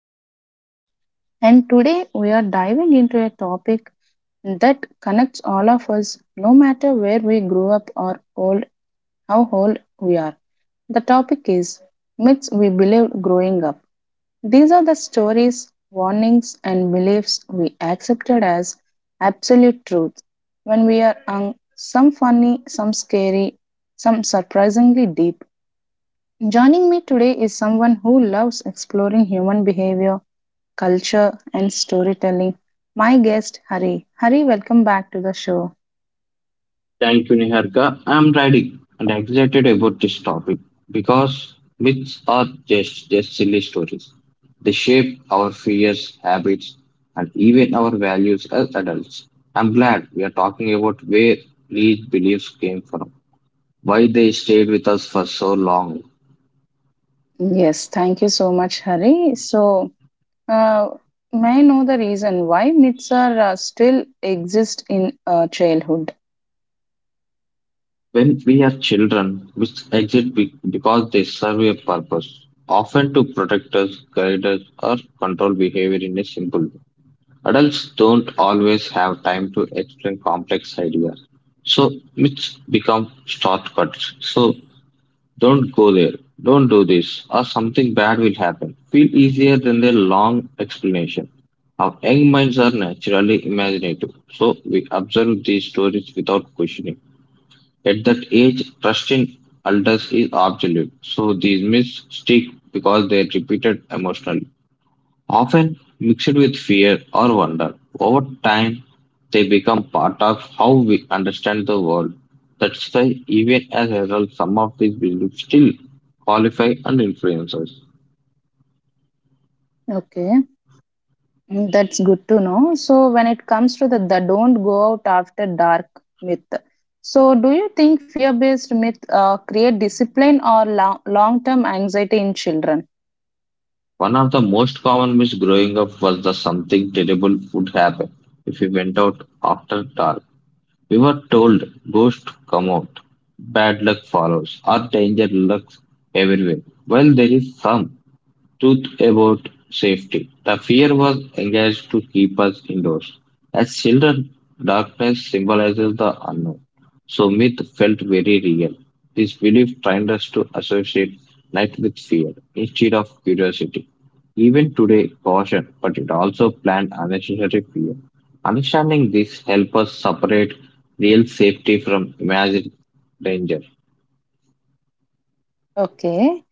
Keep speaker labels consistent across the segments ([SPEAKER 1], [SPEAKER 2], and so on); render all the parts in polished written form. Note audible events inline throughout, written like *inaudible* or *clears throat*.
[SPEAKER 1] Niharika, and today we are diving into a topic that connects all of us, no matter where we grew up or old, how old we are. The topic is myths we believed growing up. These are the stories, warnings, and beliefs we accepted as absolute truth when we are young, some funny, some scary, some surprisingly deep. Joining me today is someone who loves exploring human behavior, culture, and storytelling. My guest, Hari. Hari, welcome back to the show.
[SPEAKER 2] Thank you, Niharika. I'm ready and excited about this topic because myths are just silly stories. They shape our fears, habits, and even our values as adults. I'm glad we are talking about where these beliefs came from, why they stayed with us for so long.
[SPEAKER 1] Yes, thank you so much, Hari. So, uh, may I know the reason why myths are still exist in childhood?
[SPEAKER 2] When we are children, myths exist because they serve a purpose, often to protect us, guide us, or control behavior in a simple way. Adults don't always have time to explain complex ideas, so myths become shortcuts. So don't go there, don't do this, or something bad will happen. Feel easier than the long explanation. Our young minds are naturally imaginative, so we observe these stories without questioning. At that age, trust in elders is absolute, so these myths stick because they are repeated emotionally often mixed with fear or wonder. Over time, they become part of how we understand the world. That's why, even as adults, some of these beliefs still qualify and influence us.
[SPEAKER 1] Okay. Mm, that's good to know. So, when it comes to the don't go out after dark myth, so do you think fear based myth create discipline or long term anxiety in children?
[SPEAKER 2] One of the most common myths growing up was that something terrible would happen if we went out after dark. We were told ghosts come out, bad luck follows, or danger lurks everywhere. While there is some truth about safety. The fear was engaged to keep us indoors. As children, darkness symbolizes the unknown, so myth felt very real. This belief trained us to associate night with fear instead of curiosity. Even today, caution, but it also planned unnecessary fear. Understanding this helps us separate real safety from imagined danger.
[SPEAKER 1] Okay.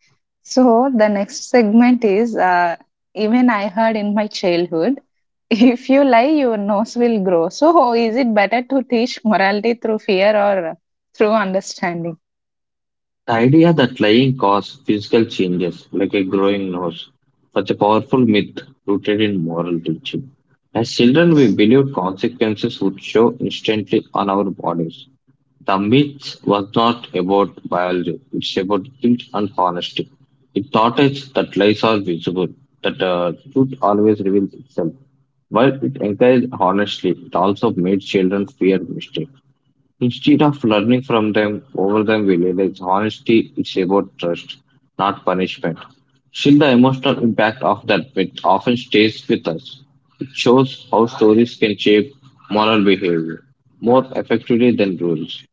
[SPEAKER 1] So, the next segment is even I heard in my childhood *laughs* if you lie, your nose will grow. So, is it better to teach morality through fear or through understanding?
[SPEAKER 2] The idea that lying causes physical changes, like a growing nose, was a powerful myth rooted in moral teaching. As children, we believed consequences would show instantly on our bodies. The myth was not about biology, it's about guilt and honesty. It taught us that lies are visible, that truth always reveals itself. While it encouraged honesty, it also made children fear mistakes. Instead of learning from them over them, we realize honesty is about trust, not punishment. Still, the emotional impact of that myth often stays with us. It shows how stories can shape moral behavior more effectively than rules.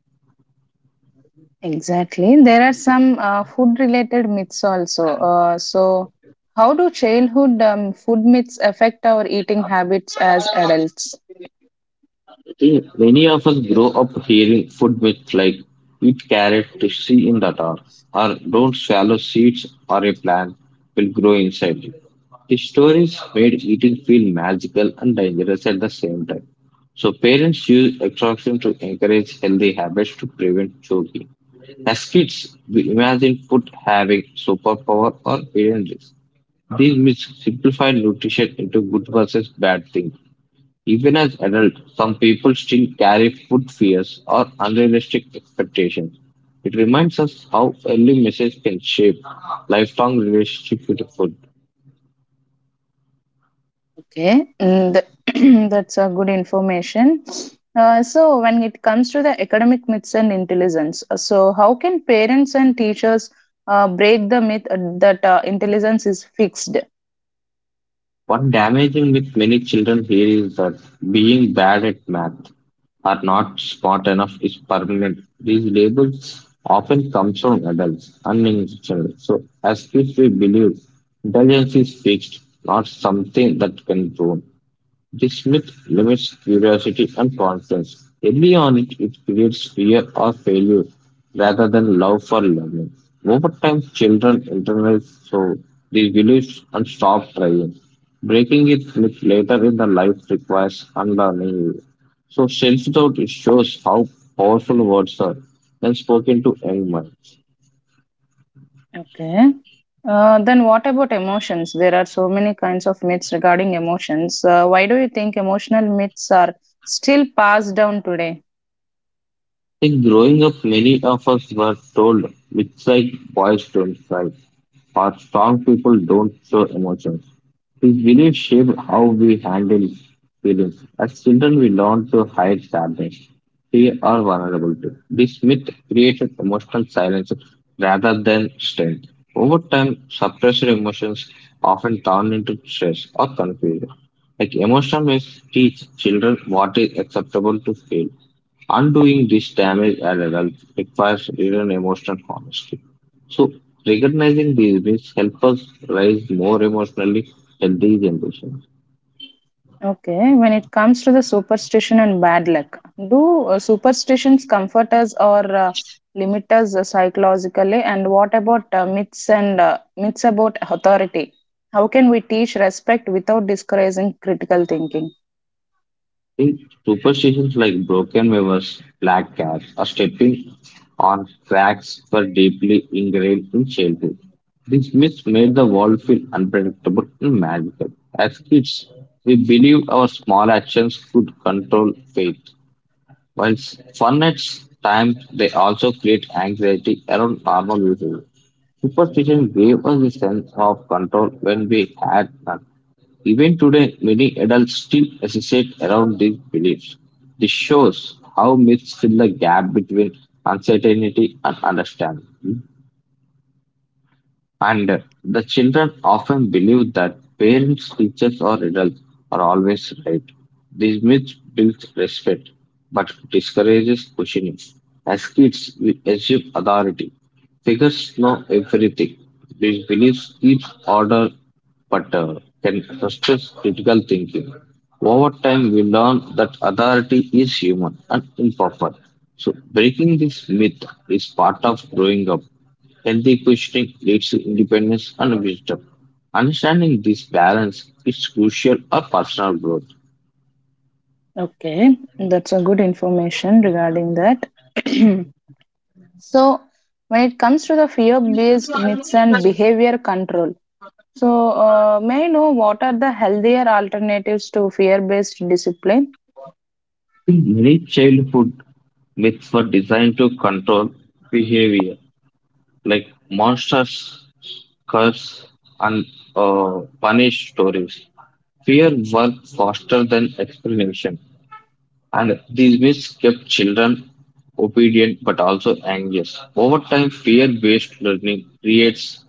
[SPEAKER 1] Exactly. There are some food related myths also. So, how do childhood food myths affect our eating habits as adults?
[SPEAKER 2] See, many of us grow up hearing food myths like eat carrot to see in the dark, or don't swallow seeds or a plant will grow inside you. The stories made eating feel magical and dangerous at the same time. So parents use extraction to encourage healthy habits to prevent choking. As kids, we imagine food having superpower or parents. These myths simplify nutrition into good versus bad things. Even as adults, some people still carry food fears or unrealistic expectations. It reminds us how early messages can shape lifelong relationship with food.
[SPEAKER 1] Okay, mm, *clears throat* that's a good information. So, when it comes to the academic myths and intelligence, so how can parents and teachers break the myth that intelligence is fixed?
[SPEAKER 2] What damaging with many children here is that being bad at math or not smart enough is permanent. These labels often come from adults, unintentionally. So as kids we believe intelligence is fixed, not something that can grow. This myth limits curiosity and confidence. Early on, it creates fear or failure rather than love for learning. Over time, children internalize so these beliefs and stop trying. Breaking it myth later in the life requires unlearning. So self-doubt it shows how powerful words are when spoken to young minds.
[SPEAKER 1] Okay. Then what about emotions? There are so many kinds of myths regarding emotions. Why do you think emotional myths are still passed down today?
[SPEAKER 2] Like growing up, many of us were told myths like boys don't cry or strong people don't show emotions. These beliefs shape how we handle feelings. As children, we learn to hide sadness, fear, or vulnerability. This myth creates an emotional silence rather than strength. Over time, suppressed emotions often turn into stress or confusion. Like emotional myths teach children what is acceptable to feel. Undoing this damage as adults requires real emotional honesty. So recognizing these myths help us raise more emotionally healthy generations.
[SPEAKER 1] Okay, when it comes to the superstition and bad luck, do superstitions comfort us or limit us psychologically? And what about myths and myths about authority? How can we teach respect without discouraging critical thinking?
[SPEAKER 2] Think superstitions like broken mirrors, black cats, or stepping on cracks were deeply ingrained in childhood. These myths made the world feel unpredictable and magical. As kids, we believed our small actions could control fate. While fun at times, they also create anxiety around normal behavior. Superstition gave us a sense of control when we had none. Even today, many adults still associate around these beliefs. This shows how myths fill the gap between uncertainty and understanding. And the children often believe that parents, teachers, or adults are always right. These myths build respect but discourages questioning. As kids, we assume authority. Figures know everything. These beliefs keep order but can frustrate critical thinking. Over time, we learn that authority is human and imperfect. So, breaking this myth is part of growing up. Healthy questioning leads to independence and wisdom. Understanding this balance is crucial for personal growth.
[SPEAKER 1] Okay, that's a good information regarding that. *clears throat* So, when it comes to the fear based myths and behavior control, so may I know what are the healthier alternatives to fear based discipline?
[SPEAKER 2] Many childhood myths were designed to control behavior, like monsters, curse, and punish stories. Fear worked faster than explanation, and these myths kept children obedient but also anxious. Over time, fear based learning creates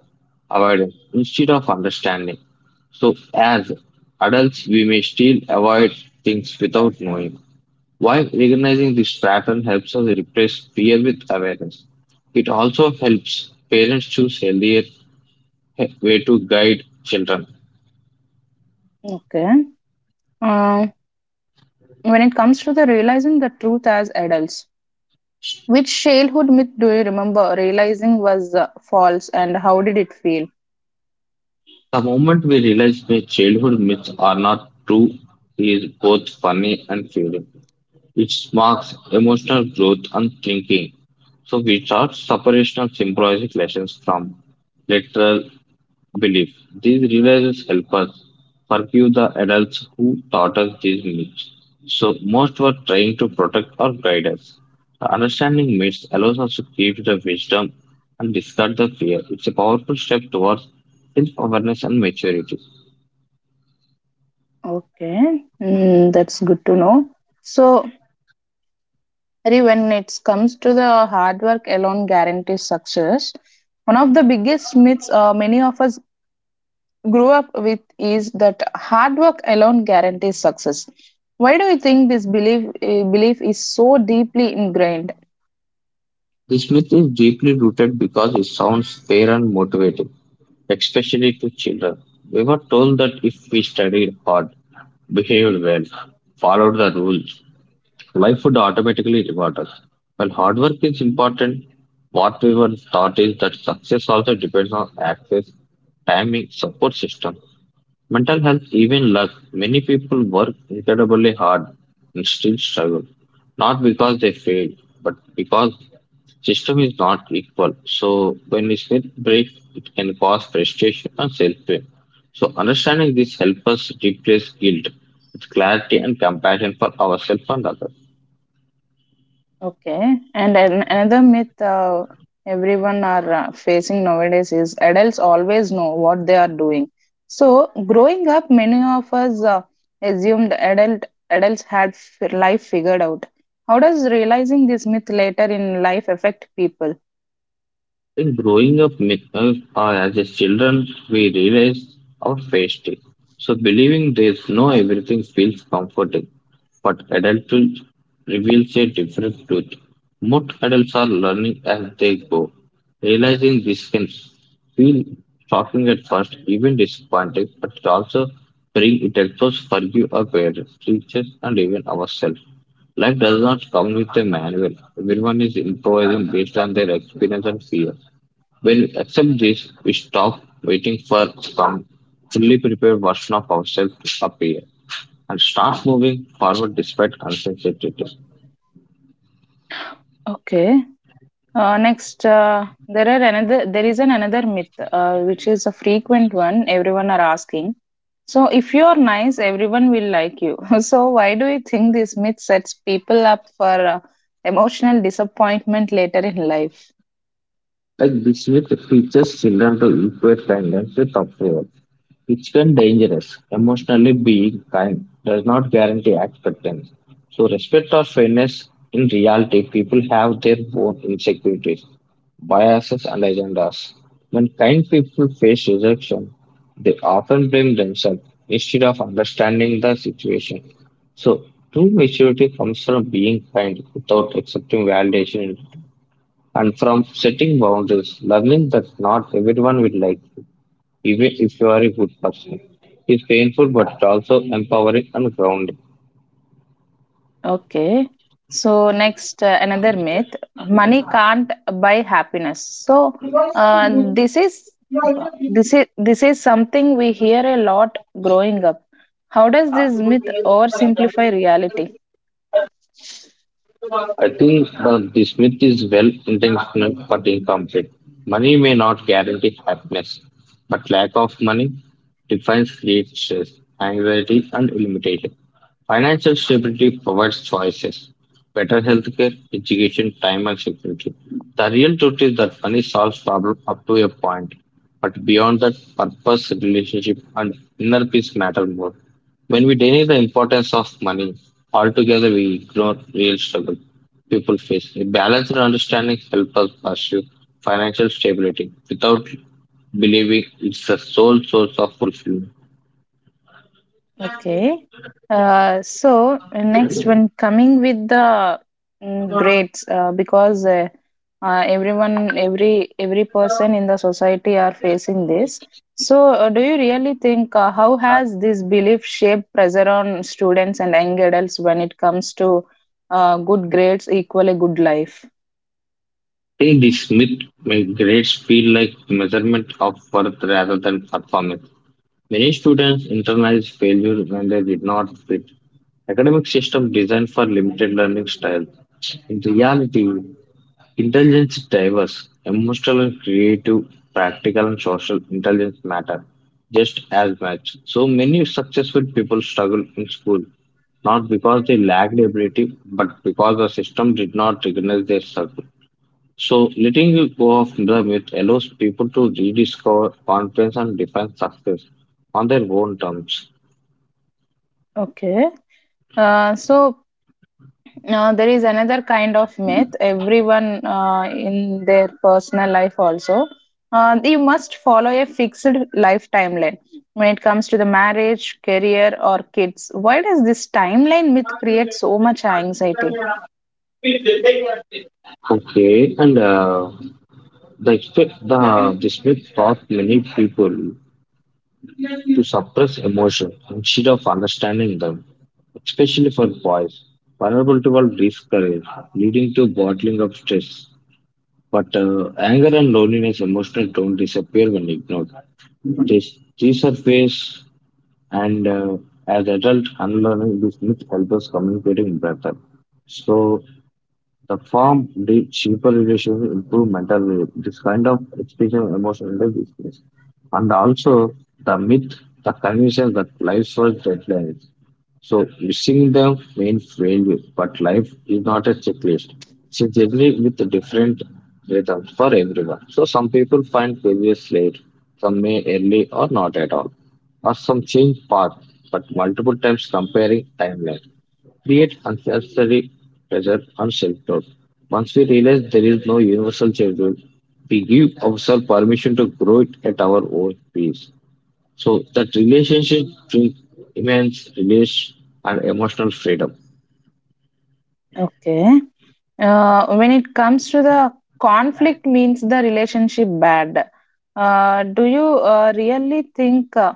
[SPEAKER 2] avoidance instead of understanding. So, as adults, we may still avoid things without knowing. While recognizing this pattern helps us replace fear with awareness, it also helps parents choose healthier way to guide children.
[SPEAKER 1] Okay. Uh, when it comes to the realizing the truth as adults, which childhood myth do you remember realizing was false and how did it feel?
[SPEAKER 2] The moment we realize that childhood myths are not true is both funny and feeling. It marks emotional growth and thinking. So we start separation of symbolic lessons from literal belief. These realizations help us forgive the adults who taught us these myths. So most were trying to protect or guide us. The understanding myths allows us to keep the wisdom and discard the fear. It's a powerful step towards self-awareness and maturity.
[SPEAKER 1] Okay, mm, that's good to know. So, Hari, when it comes to the hard work alone guarantees success, one of the biggest myths many of us grew up with is that hard work alone guarantees success. Why do you think this belief belief is so deeply ingrained?
[SPEAKER 2] This myth is deeply rooted because it sounds fair and motivating, especially to children. We were told that if we studied hard, behaved well, followed the rules, life would automatically reward us. While hard work is important, what we were taught is that success also depends on access, timing, support system, mental health, even luck. Many people work incredibly hard and still struggle, not because they failed, but because system is not equal. So when we sleep breaks, it can cause frustration and self-blame. So understanding this helps us replace guilt with clarity and compassion for ourselves and others.
[SPEAKER 1] Okay, and another myth everyone are facing nowadays is adults always know what they are doing. So growing up, many of us assumed adults life figured out. How does realizing this myth later in life affect people?
[SPEAKER 2] In growing up myths or as a children, we realize our faced it. So believing there's no everything feels comforting. But adulthood reveals a different truth. Most adults are learning as they go. Realizing this can feel shocking at first, even disappointing, but it also bring it helps us forgive our parents, teachers, and even ourselves. Life does not come with a manual. Everyone is improvising based on their experience and fear. When we accept this, we stop waiting for some fully prepared version of ourselves to appear and start moving forward despite uncertainty.
[SPEAKER 1] Okay. Next, there are another. There is an another myth, which is a frequent one. Everyone are asking. So, if you are nice, everyone will like you. *laughs* So, why do you think this myth sets people up for emotional disappointment later in life?
[SPEAKER 2] Like this myth teaches children to equate kindness with approval which can dangerous. Emotionally being kind does not guarantee acceptance. So respect or fairness in reality, people have their own insecurities, biases and agendas. When kind people face rejection, they often blame themselves instead of understanding the situation. So true maturity comes from being kind without accepting validation and from setting boundaries, learning that not everyone will like even if you are a good person. It's painful but also empowering and grounding.
[SPEAKER 1] Okay. So, next, another myth: money can't buy happiness. So, uh, this is this is something we hear a lot growing up. How does this myth oversimplify reality?
[SPEAKER 2] I think that this myth is well intentioned but incomplete. Money may not guarantee happiness, but lack of money defines great stress, anxiety, and limitation. Financial stability provides choices, better healthcare, education, time, and security. The real truth is that money solves problems up to a point, but beyond that, purpose, relationship, and inner peace matter more. When we deny the importance of money altogether, we ignore real struggle people face. A balanced understanding helps us pursue financial stability without believing it's the sole source of fulfillment.
[SPEAKER 1] Okay. So next, when coming with the mm, grades, because everyone, every person in the society are facing this. So, do you really think how has this belief shaped pressure on students and young adults when it comes to good grades equal a good life?
[SPEAKER 2] Today, this myth makes grades feel like measurement of worth rather than performance. Many students internalize failure when they did not fit academic system designed for limited learning style. In reality, intelligence is diverse, emotional and creative, practical and social intelligence matter just as much. So many successful people struggle in school, not because they lacked ability, but because the system did not recognize their struggle. So letting go of the myth allows people to rediscover confidence and define success on their own terms.
[SPEAKER 1] Okay. Uh, so Now, there is another kind of myth, everyone in their personal life also. You must follow a fixed life timeline when it comes to the marriage, career, or kids. Why does this timeline myth create so much anxiety?
[SPEAKER 2] Okay, and the, expe- the this myth taught many people to suppress emotion instead of understanding them, especially for boys vulnerable to all discourage, leading to bottling of stress. But anger and loneliness emotions don't disappear when ignored. They, they surface, and as adult unlearning these myths helps us communicating better. So the firm did cheaper relations improve mental health. This kind of experience emotional business. And also the myth, the conviction that life was deadlines. So missing them mean failure, but life is not a checklist. It's a journey with a different rhythm for everyone. So some people find failures late, some may early or not at all. Or some change path, but multiple times comparing timeline create unnecessary pressure on self-doubt. Once we realize there is no universal schedule, we give ourselves permission to grow it at our own pace. So that relationship brings immense relief and emotional freedom.
[SPEAKER 1] Okay. When it comes to the conflict, means the relationship bad. Do you really think uh,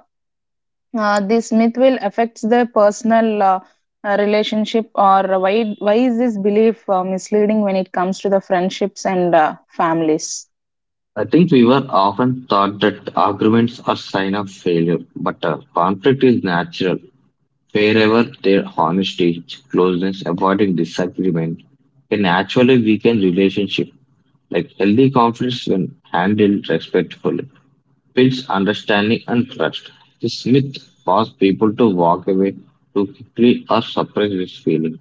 [SPEAKER 1] uh, this myth will affect the personal relationship or why is this belief misleading when it comes to the friendships and families?
[SPEAKER 2] I think we were often taught that arguments are sign of failure, but conflict is natural. Wherever their honesty, closeness, avoiding disagreement can actually weaken relationship. Like healthy conflicts, when handled respectfully, builds understanding and trust. This myth causes people to walk away too quickly or suppress this feeling.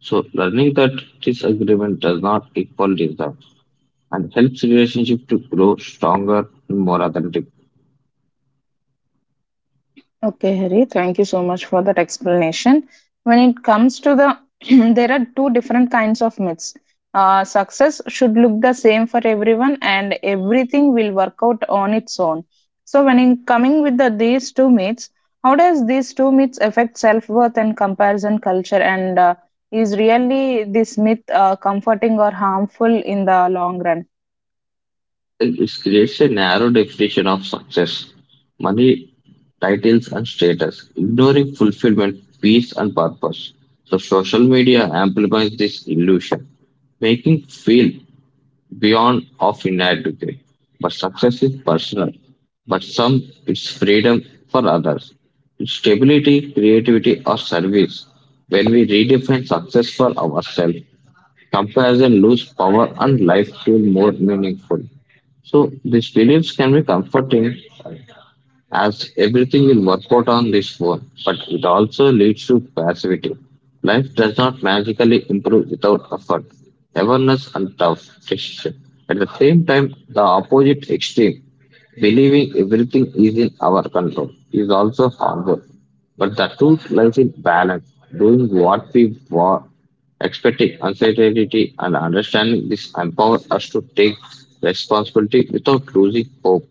[SPEAKER 2] So, learning that disagreement does not equal desire and helps relationship to grow stronger and more authentic.
[SPEAKER 1] Okay, Hari, thank you so much for that explanation. When it comes to the, *clears throat* there are two different kinds of myths. Success should look the same for everyone, and everything will work out on its own. So, when in coming with the, these two myths, how does these two myths affect self worth and comparison culture? And is really this myth comforting or harmful in the long run?
[SPEAKER 2] It creates a narrow definition of success, money, titles, and status, ignoring fulfillment, peace, and purpose. So, social media amplifies this illusion, making feel beyond of inadequate. But success is personal. But some, it's freedom for others. It's stability, creativity, or service. When we redefine success for ourselves, comparison lose power and life feel more meaningful. So these beliefs can be comforting as everything will work out on this phone, but it also leads to passivity. Life does not magically improve without effort, awareness, and tough decision. At the same time, the opposite extreme, believing everything is in our control, is also harmful. But the truth lies in balance, doing what we want, expecting uncertainty, and understanding this empower us to take responsibility without losing hope.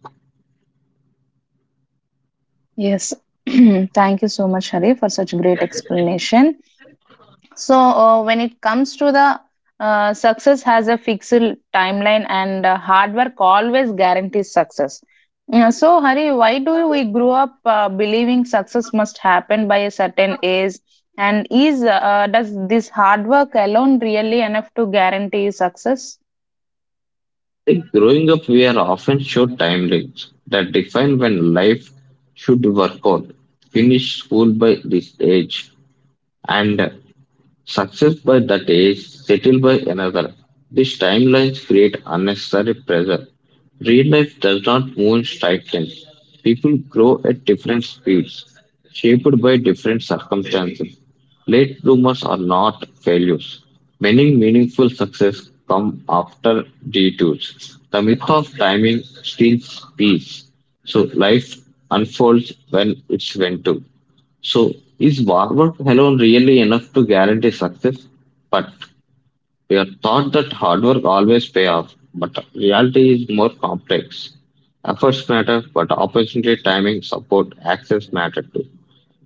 [SPEAKER 1] Yes, *clears throat* thank you so much, Hari, for such great explanation. So, when it comes to the success has a fixed timeline and hard work always guarantees success. Yeah, so, Hari, why do we grow up believing success must happen by a certain age? And is does this hard work alone really enough to guarantee success?
[SPEAKER 2] Like growing up, we are often shown timelines that define when life should work out. Finish school by this age, and success by that age, settled by another. These timelines create unnecessary pressure. Real life does not move in straight lines. People grow at different speeds, shaped by different circumstances. Late bloomers are not failures. Many meaningful success come after detours. The myth of timing steals peace. So life unfolds when it's meant to. So, is hard work alone really enough to guarantee success? But we are taught that hard work always pay off, but reality is more complex. Efforts matter, but opportunity, timing, support, access matter too.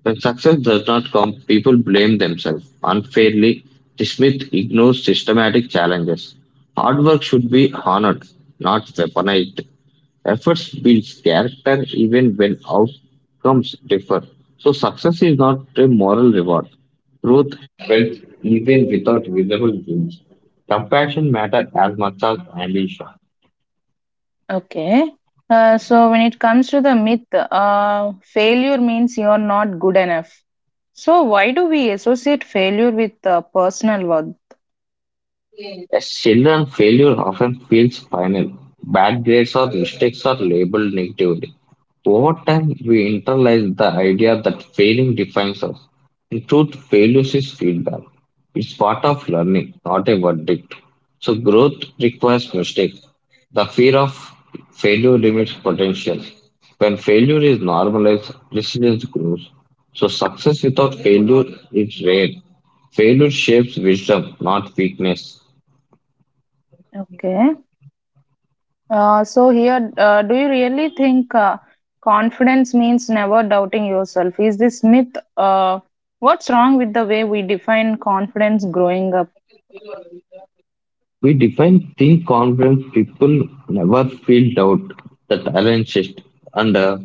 [SPEAKER 2] When success does not come, people blame themselves unfairly. Dismiss ignores systematic challenges. Hard work should be honored, not weaponized. Efforts builds character even when outcomes differ. So success is not a moral reward. Growth happens even without visible gains, compassion matters as much as ambition.
[SPEAKER 1] Okay. So, when it comes to the myth, failure means you're not good enough. So, why do we associate failure with personal worth?
[SPEAKER 2] As children, failure often feels final. Bad grades or mistakes are labeled negatively. Over time, we internalize the idea that failing defines us. In truth, failure is feedback. It's part of learning, not a verdict. So, growth requires mistakes. The fear of failure limits potential. When failure is normalized, resilience grows. So, success without failure is rare. Failure shapes wisdom, not weakness.
[SPEAKER 1] Okay. So here, do you really think confidence means never doubting yourself? Is this myth? What's wrong with the way we define confidence growing up?
[SPEAKER 2] We define thin confident people never feel doubt that aligns it. And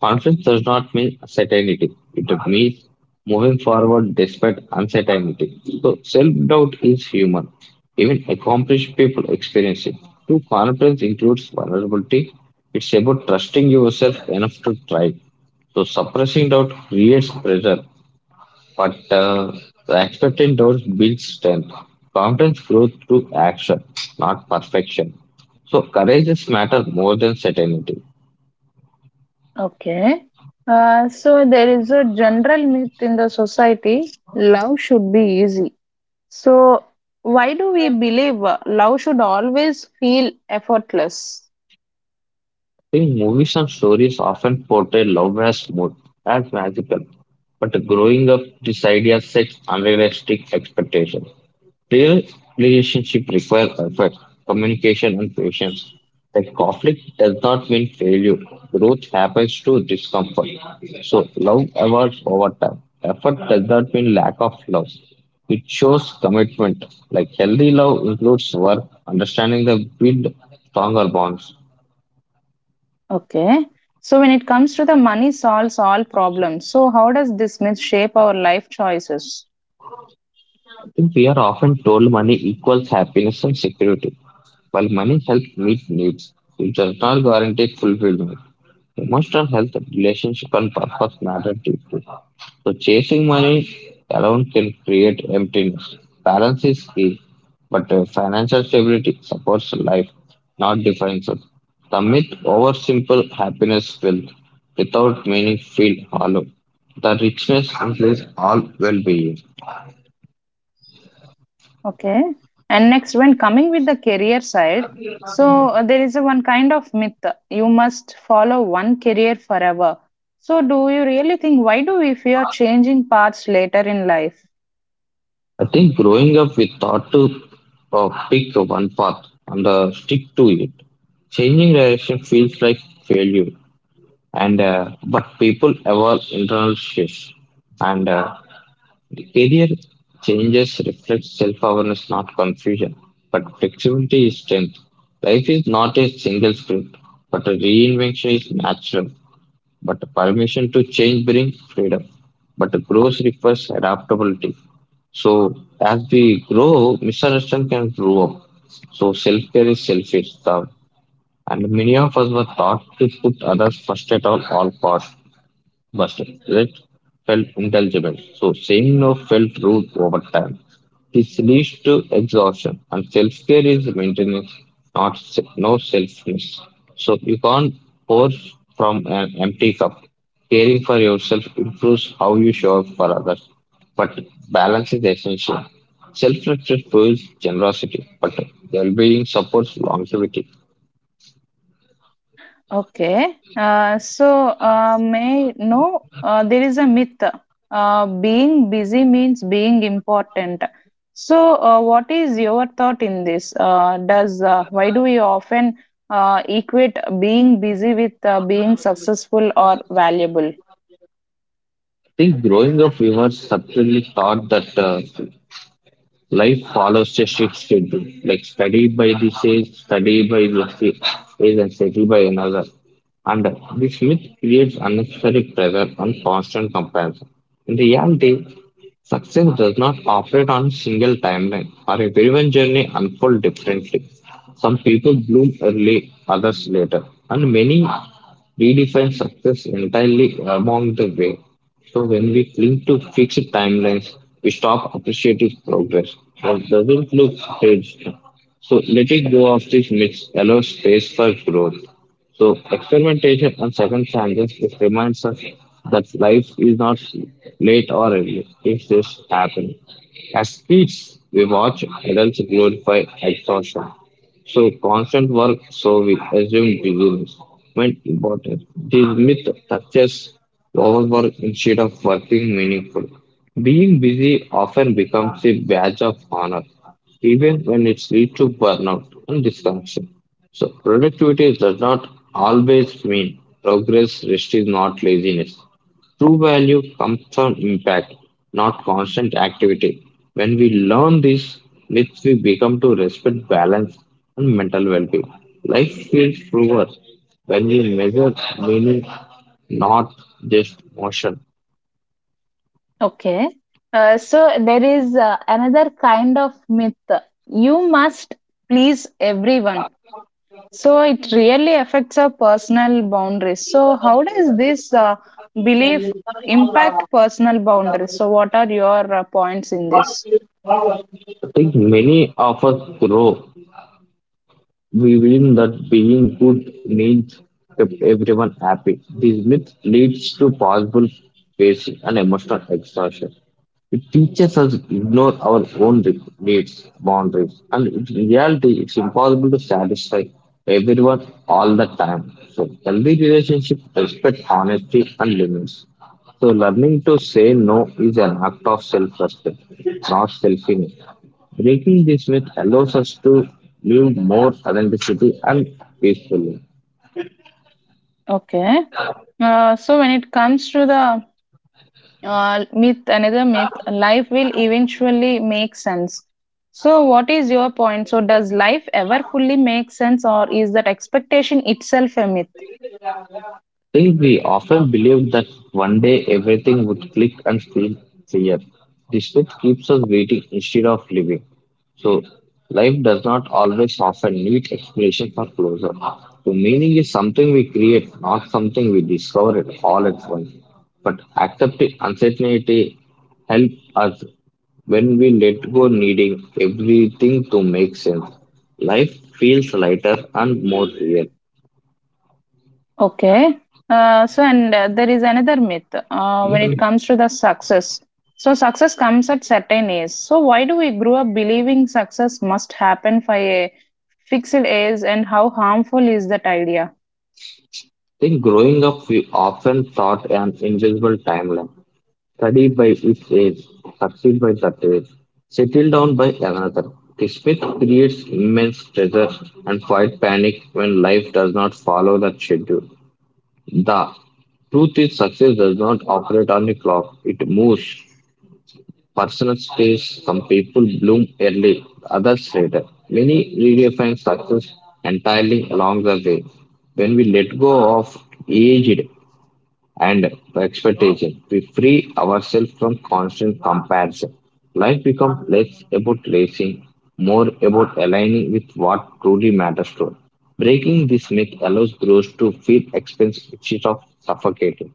[SPEAKER 2] Confidence does not mean certainty. It means moving forward despite uncertainty. So self-doubt is human. Even accomplished people experience it. True confidence includes vulnerability. It's about trusting yourself enough to try. So suppressing doubt creates pressure but the expected doors build strength. Confidence grows through action, not perfection. So courages matter more than certainty.
[SPEAKER 1] Okay. So there is a general myth in the society: love should be easy. So why do we believe love should always feel effortless?
[SPEAKER 2] In movies and stories often portray love as smooth, as magical, but growing up, this idea sets unrealistic expectations. Real relationships require effort, communication, and patience. That conflict does not mean failure. Growth happens through discomfort. So love evolves over time. Effort does not mean lack of love. It shows commitment. Like healthy love includes work, understanding the build stronger bonds.
[SPEAKER 1] Okay. So when it comes to the money solves all problems. So how does this myth shape our life choices?
[SPEAKER 2] I think we are often told money equals happiness and security. While money helps meet needs, it does not guarantee fulfillment. Emotional health, relationship, and purpose matter deeply. So, chasing money alone can create emptiness. Balance is key, but financial stability supports life, not defines it. The myth over simple happiness filled without meaning feel hollow. The richness includes all well being.
[SPEAKER 1] Okay. And next, when coming with the career side, so there is a one kind of myth you must follow one career forever. So, do you really think why do we fear changing paths later in life?
[SPEAKER 2] I think growing up, we thought to pick one path and stick to it. Changing direction feels like failure, and but people evolve internal shifts, and the career changes reflect self-awareness, not confusion. But flexibility is strength. Life is not a single script, but a reinvention is natural. But permission to change brings freedom, but growth requires adaptability. So as we grow, misunderstanding can grow up. So self care is selfish stuff, and many of us were taught to put others first at all costs. Bartlett felt intelligent, so saying no felt rude over time. This leads to exhaustion, and self-care is maintenance, not no selfness. So you can't pour from an empty cup. Caring for yourself improves how you show up for others, but balance is essential. Self-respect fuels generosity, but well-being supports longevity.
[SPEAKER 1] Okay. May know there is a myth. Being busy means being important. So, what is your thought in this? Does why do we often equate being busy with being successful or valuable?
[SPEAKER 2] I think growing up, we were subtly taught that. Life follows a strict schedule. Like study by this age, study by this age, and settle by another. And this myth creates unnecessary pressure and constant comparison. In reality, success does not operate on a single timeline, or everyone's journey unfolds differently. Some people bloom early, others later, and many redefine success entirely along the way. So when we cling to fixed timelines, we stop appreciating progress. What doesn't look staged. So letting go of these myths allows space for growth. So experimentation and second chances it reminds us that life is not late or early. It's just happening. As kids, we watch adults glorify exhaustion, so constant work, so we assume busyness meant important. This myth touches overwork instead of working meaningful. Being busy often becomes a badge of honor, even when it leads to burnout and disconnection. So productivity does not always mean progress, rest is not laziness. True value comes from impact, not constant activity. When we learn these myths, we become to respect balance and mental well being. Life feels truer when we measure meaning, not just motion.
[SPEAKER 1] Okay. So there is another kind of myth. You must please everyone. So it really affects our personal boundaries. So how does this belief impact personal boundaries? So what are your points in this?
[SPEAKER 2] I think many of us grow believing that being good means kept everyone happy. These myths leads to possible facing and emotional exhaustion. It teaches us to ignore our own needs, boundaries, and in reality, it's impossible to satisfy everyone all the time. So, healthy relationships respect honesty and limits. So, learning to say no is an act of self respect, not selfishness. Breaking this myth allows us to live more authenticity and peacefully.
[SPEAKER 1] Okay. So when it comes to the myth, another myth, life will eventually make sense. So what is your point? So does life ever fully make sense, or is that expectation itself a myth?
[SPEAKER 2] Still, we often believe that one day everything would click and feel clear. The shift keeps us waiting instead of living. So, life does not always offer neat explanations for closure. So, meaning is something we create, not something we discover it all at once. But accepting uncertainty helps us when we let go, needing everything to make sense. Life feels lighter and more real.
[SPEAKER 1] Okay. So, and there is another myth when it comes to the success. So, success comes at certain age. So, why do we grow up believing success must happen by a fixed age, and how harmful is that idea?
[SPEAKER 2] Think growing up, we often thought an invisible timeline. Study by its age, succeed by that age, settle down by another. This myth creates immense pressure and quiet panic when life does not follow that schedule. The truth is, success does not operate on a clock, it moves. Personal space, some people bloom early, others later. Many redefine success entirely along the way. When we let go of aged and expectation. We free ourselves from constant comparison. Life becomes less about racing, more about aligning with what truly matters to us. Breaking this myth allows growth to feel expensive instead of suffocating.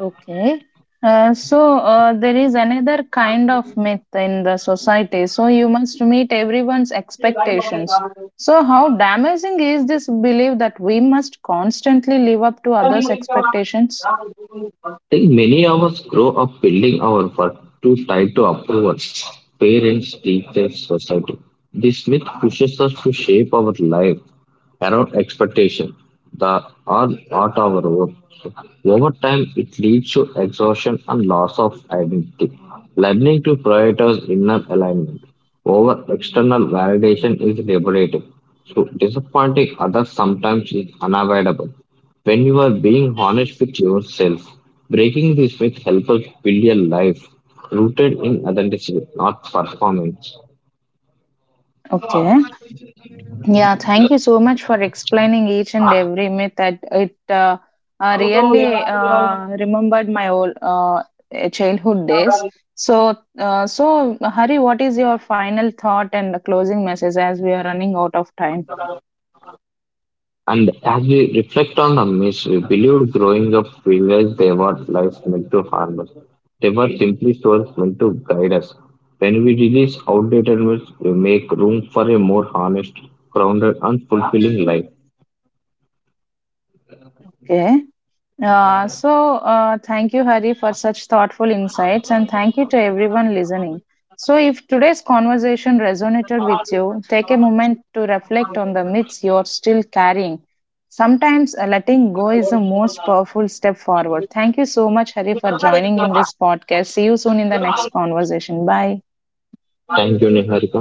[SPEAKER 1] Okay. There is another kind of myth in the society. So, you must meet everyone's expectations. So, how damaging is this belief that we must constantly live up to others' expectations?
[SPEAKER 2] I think many of us grow up building our worth to tied to approval, parents, teachers, society. This myth pushes us to shape our life around expectation, the or not our worth. Over time, it leads to exhaustion and loss of identity. Learning to prioritize inner alignment over external validation is liberating. So disappointing others sometimes is unavoidable when you are being honest with yourself, breaking this myth helps us build a life rooted in authenticity, not performance.
[SPEAKER 1] Okay. Yeah, thank you so much for explaining each and every myth. That it really remembered my old childhood days. So, so Hari, what is your final thought and the closing message as we are running out of time?
[SPEAKER 2] And as we reflect on the myths we believed growing up, we realized they were life meant to harm us. They were simply stories meant to guide us. When we release outdated myths, we make room for a more honest, grounded, and fulfilling life.
[SPEAKER 1] Okay. Thank you, Hari, for such thoughtful insights, and thank you to everyone listening. So, if today's conversation resonated with you, take a moment to reflect on the myths you're still carrying. Sometimes letting go is the most powerful step forward. Thank you so much, Hari, for joining in this podcast. See you soon in the next conversation. Bye.
[SPEAKER 2] Thank you, Niharika.